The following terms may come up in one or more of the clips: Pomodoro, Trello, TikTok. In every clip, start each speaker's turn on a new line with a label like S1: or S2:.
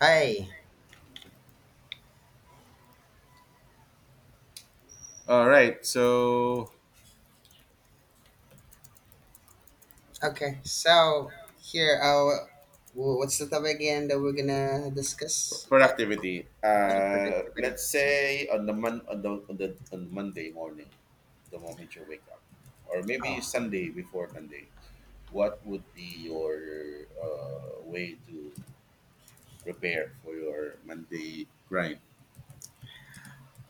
S1: Hi.
S2: All right. So
S1: Okay. So here, what's the topic again that we're gonna discuss about
S2: productivity.
S1: about the productivity?
S2: Let's
S1: Okay.
S2: say on the mon- on the, on the on Monday morning, the moment you wake up, or maybe
S1: Oh.
S2: Sunday before Monday. What would be your way to prepare for your Monday grind?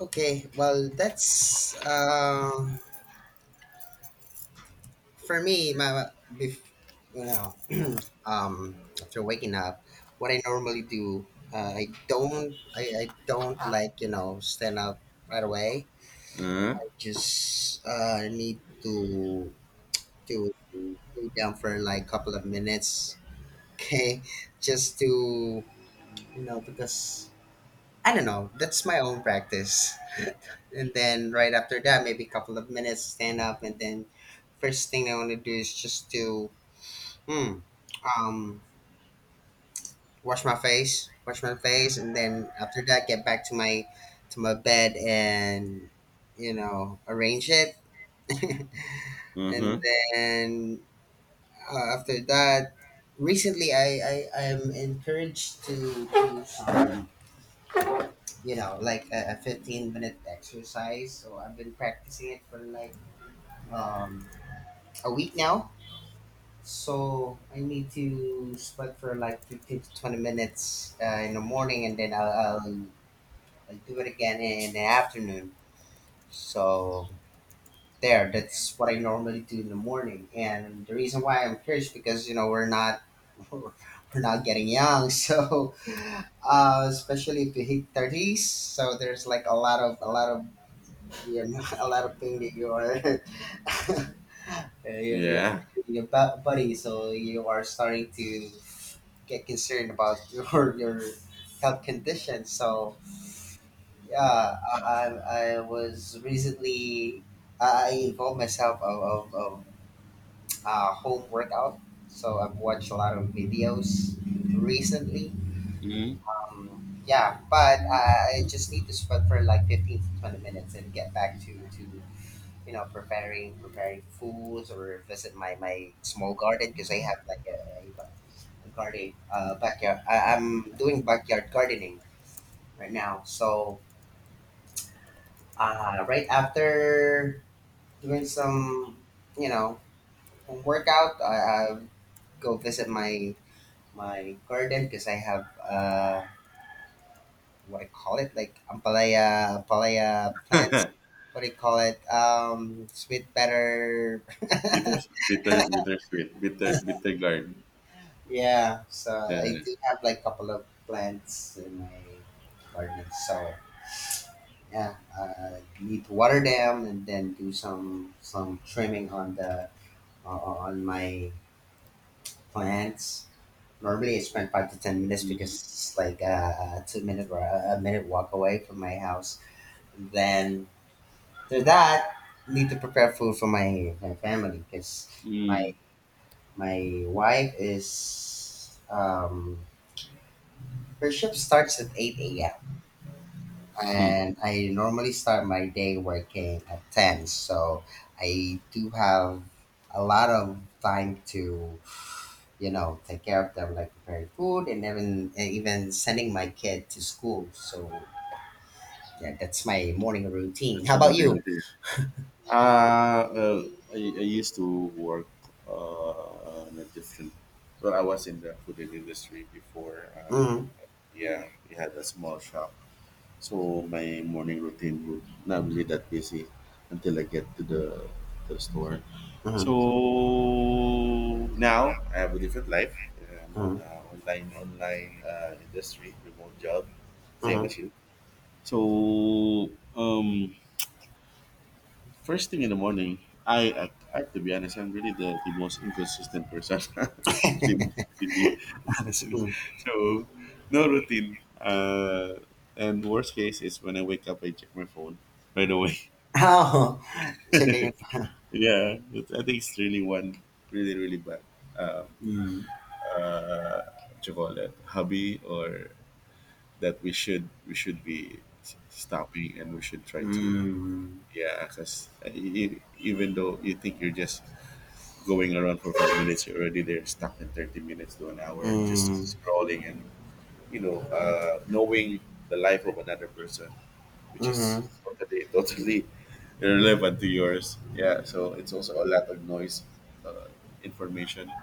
S1: Okay. Well, that's for me. You know after waking up, what I normally do, I don't like stand up right away.
S2: Uh,
S1: Just need to lay down for like a couple of minutes. Okay, just to, because I don't know, that's my own practice. And then right after that, maybe a couple of minutes, stand up. And then first thing I want to do is just to hmm, um wash my face. And then after that, get back to my bed and arrange it. And
S2: mm-hmm.
S1: then after that, recently I am encouraged to like a 15-minute exercise. So I've been practicing it for like um, a week now. So I need to sweat for like 15 to 20 minutes in the morning, and then I'll do it again in the afternoon. So there, that's what I normally do in the morning. And the reason why I'm curious because, you know, we're not. We're not getting young, so especially if you hit thirties, so there's like a lot of yeah, a lot of pain that you are you're
S2: Yeah.
S1: feeling your body, so you are starting to get concerned about your health condition. So yeah, I was recently I involved myself of home workout. So I've watched a lot of videos recently.
S2: Mm-hmm.
S1: Yeah, but I just need to sweat for like 15 to 20 minutes and get back to preparing foods, or visit my small garden because I have like a garden backyard. I'm doing backyard gardening right now, so right after doing some, you know home workout, I go visit my garden because I have what I call it, like ampalaya plants. What do you call it? Sweet butter.
S2: Bitter, bitter, bitter sweet, bitter, bitter guard.
S1: Yeah, so I
S2: Yeah.
S1: do have like a couple of plants in my garden. So yeah, need to water them, and then do some trimming on the, on my plants. Normally, I spend 5 to 10 minutes because it's like a 2 minute or a minute walk away from my house. And then after that, need to prepare food for my family because my
S2: Mm.
S1: my wife is her shift starts at 8 a.m.,
S2: Hmm.
S1: and I normally start my day working at 10, so I do have a lot of time to, you know, take care of them, like preparing food, and even sending my kid to school. So yeah, that's my morning routine.
S2: That's
S1: How
S2: your
S1: about you?
S2: modernity. Uh, uh, I used to work in a different. Well, I was in the food industry before.
S1: Mm,
S2: Yeah, we had a small shop, so my morning routine would not really that busy until I get to the store. So
S1: mm,
S2: now I have a different life. I'm on
S1: mm,
S2: a online industry, remote job, same
S1: mm,
S2: as you. So um, first thing in the morning, I have to be honest, I'm really the most inconsistent person. The most busy, honestly.
S1: mm.
S2: So no routine. And worst case is when I wake up I check my phone right away.
S1: Oh. Checking it.
S2: Yeah. It's, I think it's really one really, really bad um
S1: Mm,
S2: uh what you call that hobby or that we should be stopping and we should try to,
S1: mm,
S2: yeah, because even though you think you're just going around for 5 minutes, you're already there, stuck in 30 minutes to an hour, just
S1: mm,
S2: scrolling and, you know, knowing the life of another person, which is
S1: mm,
S2: totally, totally irrelevant to yours. Yeah, so it's also a lot of noise, uh, information.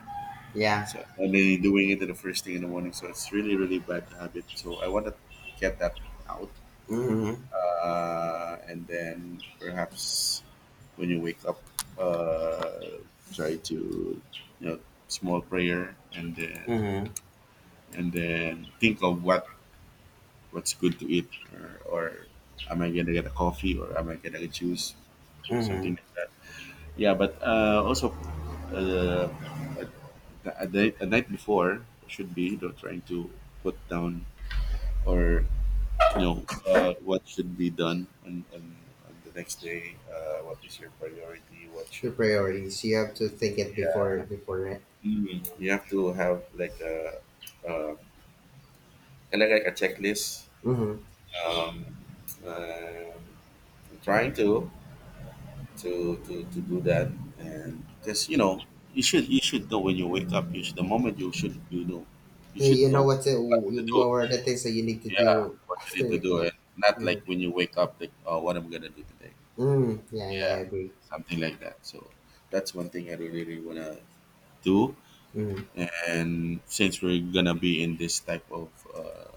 S1: yeah.
S2: So, and then you're doing it in the first thing in the morning. So it's really, really bad habit. So I want to get that out,
S1: Mm,
S2: and then perhaps when you wake up, uh, try to, you know, small prayer, and then
S1: mm,
S2: think of what what's good to eat, or am I gonna get a coffee, or am I gonna get juice, something
S1: mm.
S2: like that. Yeah, but also, uh, a, a night before should be, you know, trying to put down or, you know, what should be done on the next day? What is your priority? What
S1: Your
S2: should be?
S1: priorities. You have to think it before that.
S2: Mm. You have to have like a, uh, kind of like a checklist.
S1: Mm-hmm.
S2: Um, um I'm trying to do that, and because you know, you should know when you wake up. You should, the moment you should, you know, you
S1: You,
S2: should
S1: you know
S2: know
S1: what the
S2: what to do.
S1: what are the things that you need to
S2: Yeah,
S1: do
S2: what you
S1: after
S2: need to do,
S1: waking
S2: and
S1: up.
S2: not like
S1: Mm-hmm.
S2: when you wake up, like, oh, what am I gonna do today?
S1: Mm, yeah, yeah, I
S2: Yeah,
S1: agree.
S2: something like that. So that's one thing I really, really wanna do.
S1: Mm-hmm.
S2: And since we're gonna be in this type of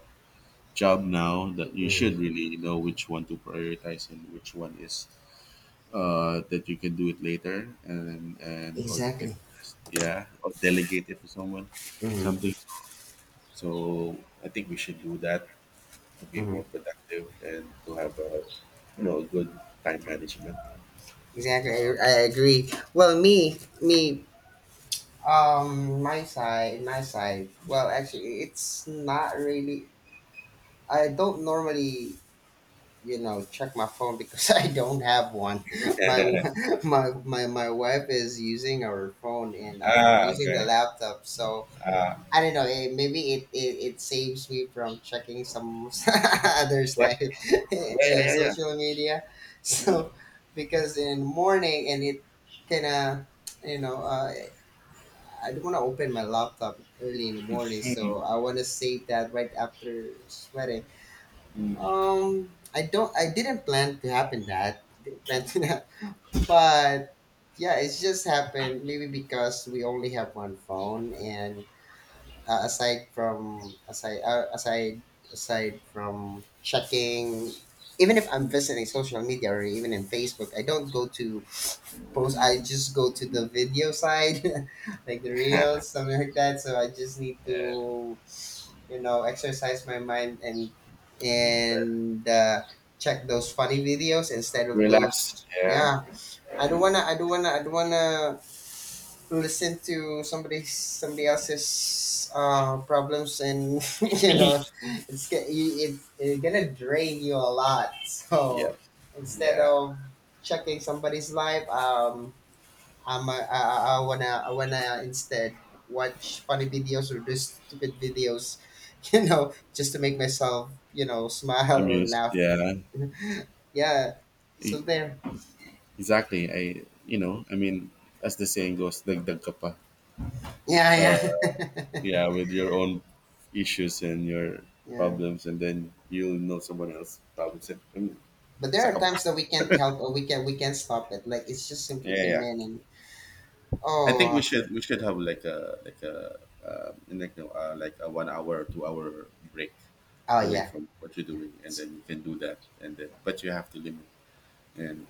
S2: job now, that you
S1: Mm.
S2: should really know which one to prioritize and which one is that you can do it later, and or you can
S1: Exactly.
S2: just, yeah, or delegate it to someone, something.
S1: Mm-hmm.
S2: So, so I think we should do that to be
S1: Mm-hmm.
S2: more productive and to have a, you know, good time management.
S1: Exactly. I agree. Well, my side. Well, actually, it's not really. I don't normally check my phone because I don't have one. My wa- my wife is using her phone, and I'm
S2: Ah,
S1: using the
S2: okay.
S1: laptop, so
S2: Ah,
S1: I don't know. Maybe it saves me from checking some others' life
S2: exactly. Yeah,
S1: in
S2: yeah, yeah.
S1: social media. So because in the morning, and it kind of, you know uh, I don't want to open my laptop early in the morning,
S2: Mhm.
S1: so I want to save that right after sweating. I don't. I didn't plan to happen that. Didn't plan to that. But yeah, it's just happened. Maybe because we only have one phone, and aside from checking, even if I'm visiting social media or even in Facebook, I don't go to post. I just go to the video side, like the reels, something like that. So I just need to, exercise my mind, and check those funny videos instead of
S2: Relax.
S1: those,
S2: Yeah,
S1: yeah. I don't wanna I don't wanna I don't wanna listen to somebody else's problems, and you know it's gonna drain you a lot.
S2: yeah,
S1: So instead
S2: yeah.
S1: of checking somebody's life, I wanna instead watch funny videos or just stupid videos, just to make myself smile or
S2: Amused.
S1: laugh.
S2: Yeah,
S1: Yeah,
S2: E-
S1: so there.
S2: exactly. I, you know, I mean, as the saying goes, dagdag ka pa.
S1: Yeah, yeah,
S2: Yeah, with your own issues and your
S1: yeah.
S2: problems, and then you'll know someone else's problems. And, I mean,
S1: But there
S2: isa
S1: are
S2: ka pa.
S1: times that we can't help, or we can't stop it. Like it's just simply
S2: Yeah,
S1: came
S2: yeah.
S1: in, and
S2: I think
S1: oh,
S2: we should have like a like no, like a 1 hour 2 hour break
S1: oh,
S2: away
S1: yeah,
S2: from what you're
S1: yeah.
S2: doing, and
S1: It's
S2: then you can do that, and then but you have to limit and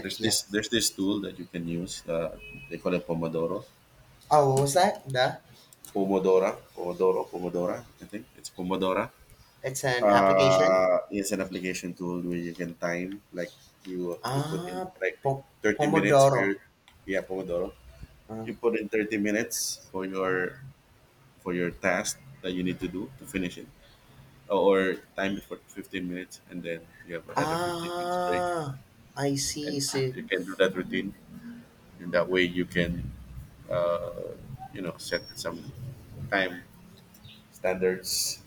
S2: There's
S1: yeah.
S2: this there's this tool that you can use. They call it Pomodoro,
S1: Oh, what was that? The
S2: Pomodora. I think it's Pomodora.
S1: It's an application.
S2: It's an application tool where you can time like you put in
S1: Ah,
S2: like
S1: po-
S2: 30 minutes for
S1: Pomodoro.
S2: your, yeah Pomodoro.
S1: Uh,
S2: You put in 30 minutes for
S1: ah.
S2: your task that you need to do to finish it, or time it for 15 minutes, and then you have another 15 minutes break,
S1: Ah, I
S2: and
S1: see. So,
S2: you can do that routine. And that way you can, you know, set some time standards,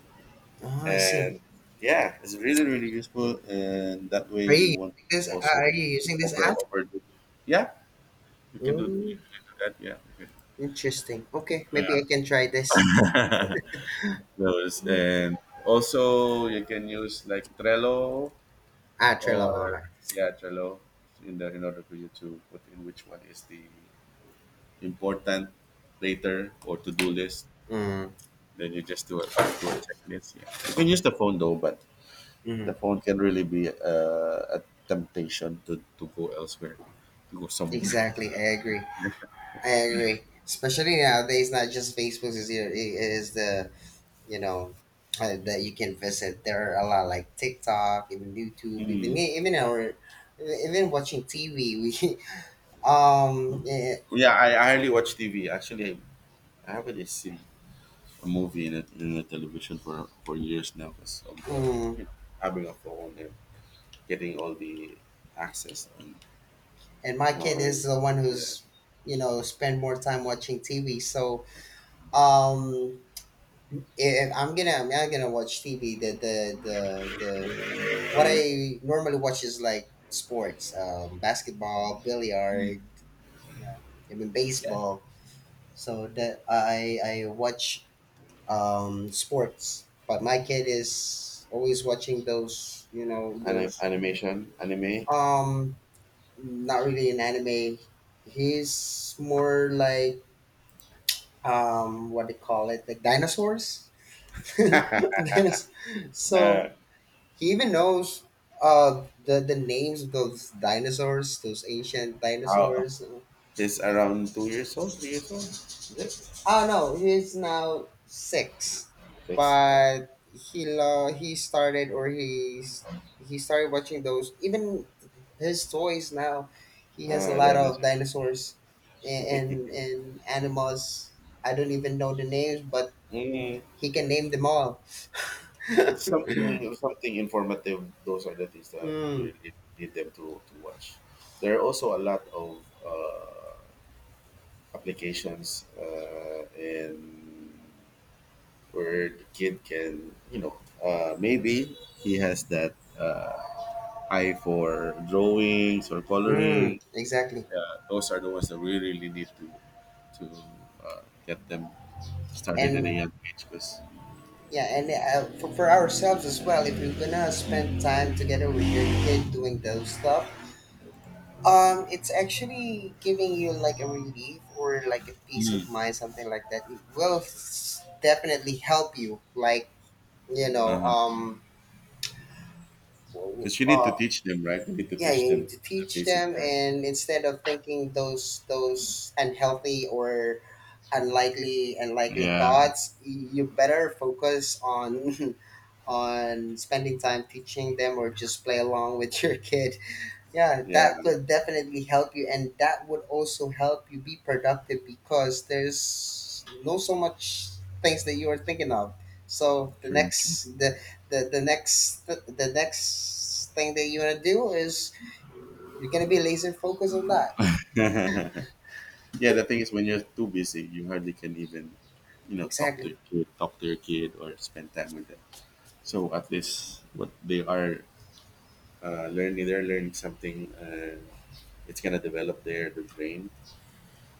S1: oh, I see.
S2: and yeah it's really really useful and that way
S1: Are you
S2: you won't
S1: using this?
S2: also
S1: Are you using this app?
S2: overdo, yeah you can do, you
S1: Mm,
S2: can do that, yeah you
S1: interesting. Okay, maybe I can try this.
S2: can, those, and also you can use like Trello,
S1: Ah,
S2: or
S1: Trello. Okay.
S2: yeah Trello, in order for you to put in which one is the important later or to do list,
S1: Mm,
S2: then you just do a checklist, yeah you can use the phone though, but the
S1: mm,
S2: phone can really be a temptation to go elsewhere, to go somewhere.
S1: exactly. I agree. I agree. Especially nowadays, not just Facebook is here. It is the you know that you can visit. There are a lot like TikTok, even YouTube, even
S2: Mm.
S1: even our even watching TV. We um. eh,
S2: Yeah, I hardly watch TV. Actually, I haven't really seen a movie in a television for years now because of the,
S1: mm,
S2: you know, having a phone and getting all the access and
S1: and my kid
S2: uh,
S1: is the one
S2: yeah,
S1: who's spend more time watching TV. So um, if I'm gonna I'm not gonna watch TV. The the What I normally watch is like sports, basketball, billiard, yeah, even
S2: yeah.
S1: baseball. So that I watch sports, but my kid is always watching those you know those
S2: Animation anime.
S1: um Not really an anime. He's more like what they call it, like dinosaurs. Dinos-
S2: Uh,
S1: so he even knows the names of those dinosaurs, those ancient
S2: how
S1: dinosaurs.
S2: is around 2 years old, 3 years old? Is it?
S1: Oh, no, he's now six.
S2: Yes.
S1: But he started, or he started watching those. Even his toys now, he has a
S2: Uh,
S1: lot
S2: then it's-
S1: of dinosaurs, and animals. I don't even know the names, but
S2: Mm.
S1: he can name them all. Mm,
S2: Something something informative, those are the things that you really need them to watch. There are also a lot of uh, applications and where the kid can, you know, maybe he has that eye for drawings or
S1: mm,
S2: coloring,
S1: exactly.
S2: those are the ones that we really need to to uh, get them started at a
S1: And
S2: young age because
S1: yeah, and for ourselves as well, if you're gonna spend time together with your kid doing those stuff, it's actually giving you like a relief or like a peace of mind, something like that. It will definitely help you, like, you know,
S2: uh-huh.
S1: um,
S2: 'Cause you need to
S1: uh,
S2: teach them right, you need to
S1: yeah,
S2: teach
S1: you
S2: them
S1: need to
S2: the
S1: teach
S2: basic
S1: them,
S2: there.
S1: and instead of thinking those unhealthy or unlikely
S2: Yeah,
S1: thoughts, you better focus on on spending time teaching them, or just play along with your kid. Yeah,
S2: Yeah.
S1: that would definitely help you, and that would also help you be productive because there's no so much things that you are thinking of. So
S2: True, true.
S1: the next thing that you want to do is you're gonna be laser focused on that.
S2: Yeah, the thing is when you're too busy, you hardly can even, you know,
S1: Exactly.
S2: talk to your kid or spend time with them. So at least what they are learning, they're learning something and it's gonna develop their brain.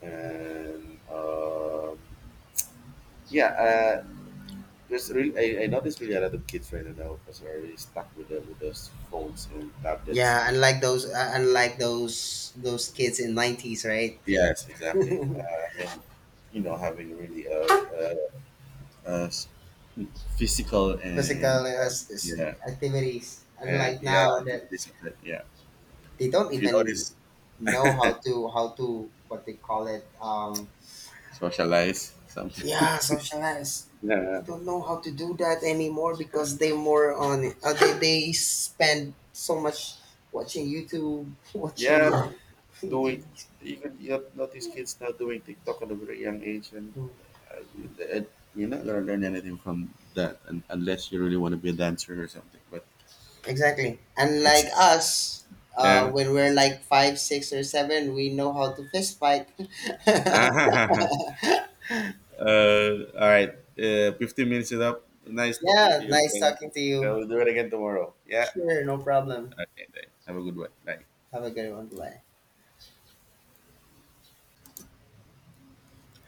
S2: And yeah, there's really I noticed really a lot of kids right now because are really stuck with the with those phones and tablets,
S1: Yeah,
S2: and,
S1: unlike
S2: and
S1: those kids in nineties, right?
S2: yes, exactly. And, you know, having really a s- physical
S1: Physical
S2: yeah,
S1: activities.
S2: and
S1: Unlike
S2: yeah,
S1: now that
S2: activities of that. Yeah,
S1: they don't
S2: if you
S1: even
S2: notice,
S1: know how to what they call it.
S2: socialize something.
S1: Yeah, socialize. They
S2: Yeah,
S1: don't know how to do that anymore because they more on they spend so much watching YouTube, watching.
S2: yeah, doing, even you have notice kids now doing TikTok at a very young age, and uh, you're not gonna learn anything from that, un unless you really want to be a dancer or something. But
S1: Exactly. And like
S2: it's,
S1: us,
S2: yeah.
S1: when we're like five, six, or seven, we know how to fist fight.
S2: All right. 15 minutes is up. Nice talking to
S1: Yeah,
S2: you
S1: nice
S2: again.
S1: talking to
S2: Yeah,
S1: you.
S2: we'll do it again tomorrow. Yeah.
S1: Sure, no problem.
S2: Okay. Then. Have a good one. Bye.
S1: Have a good one. Bye.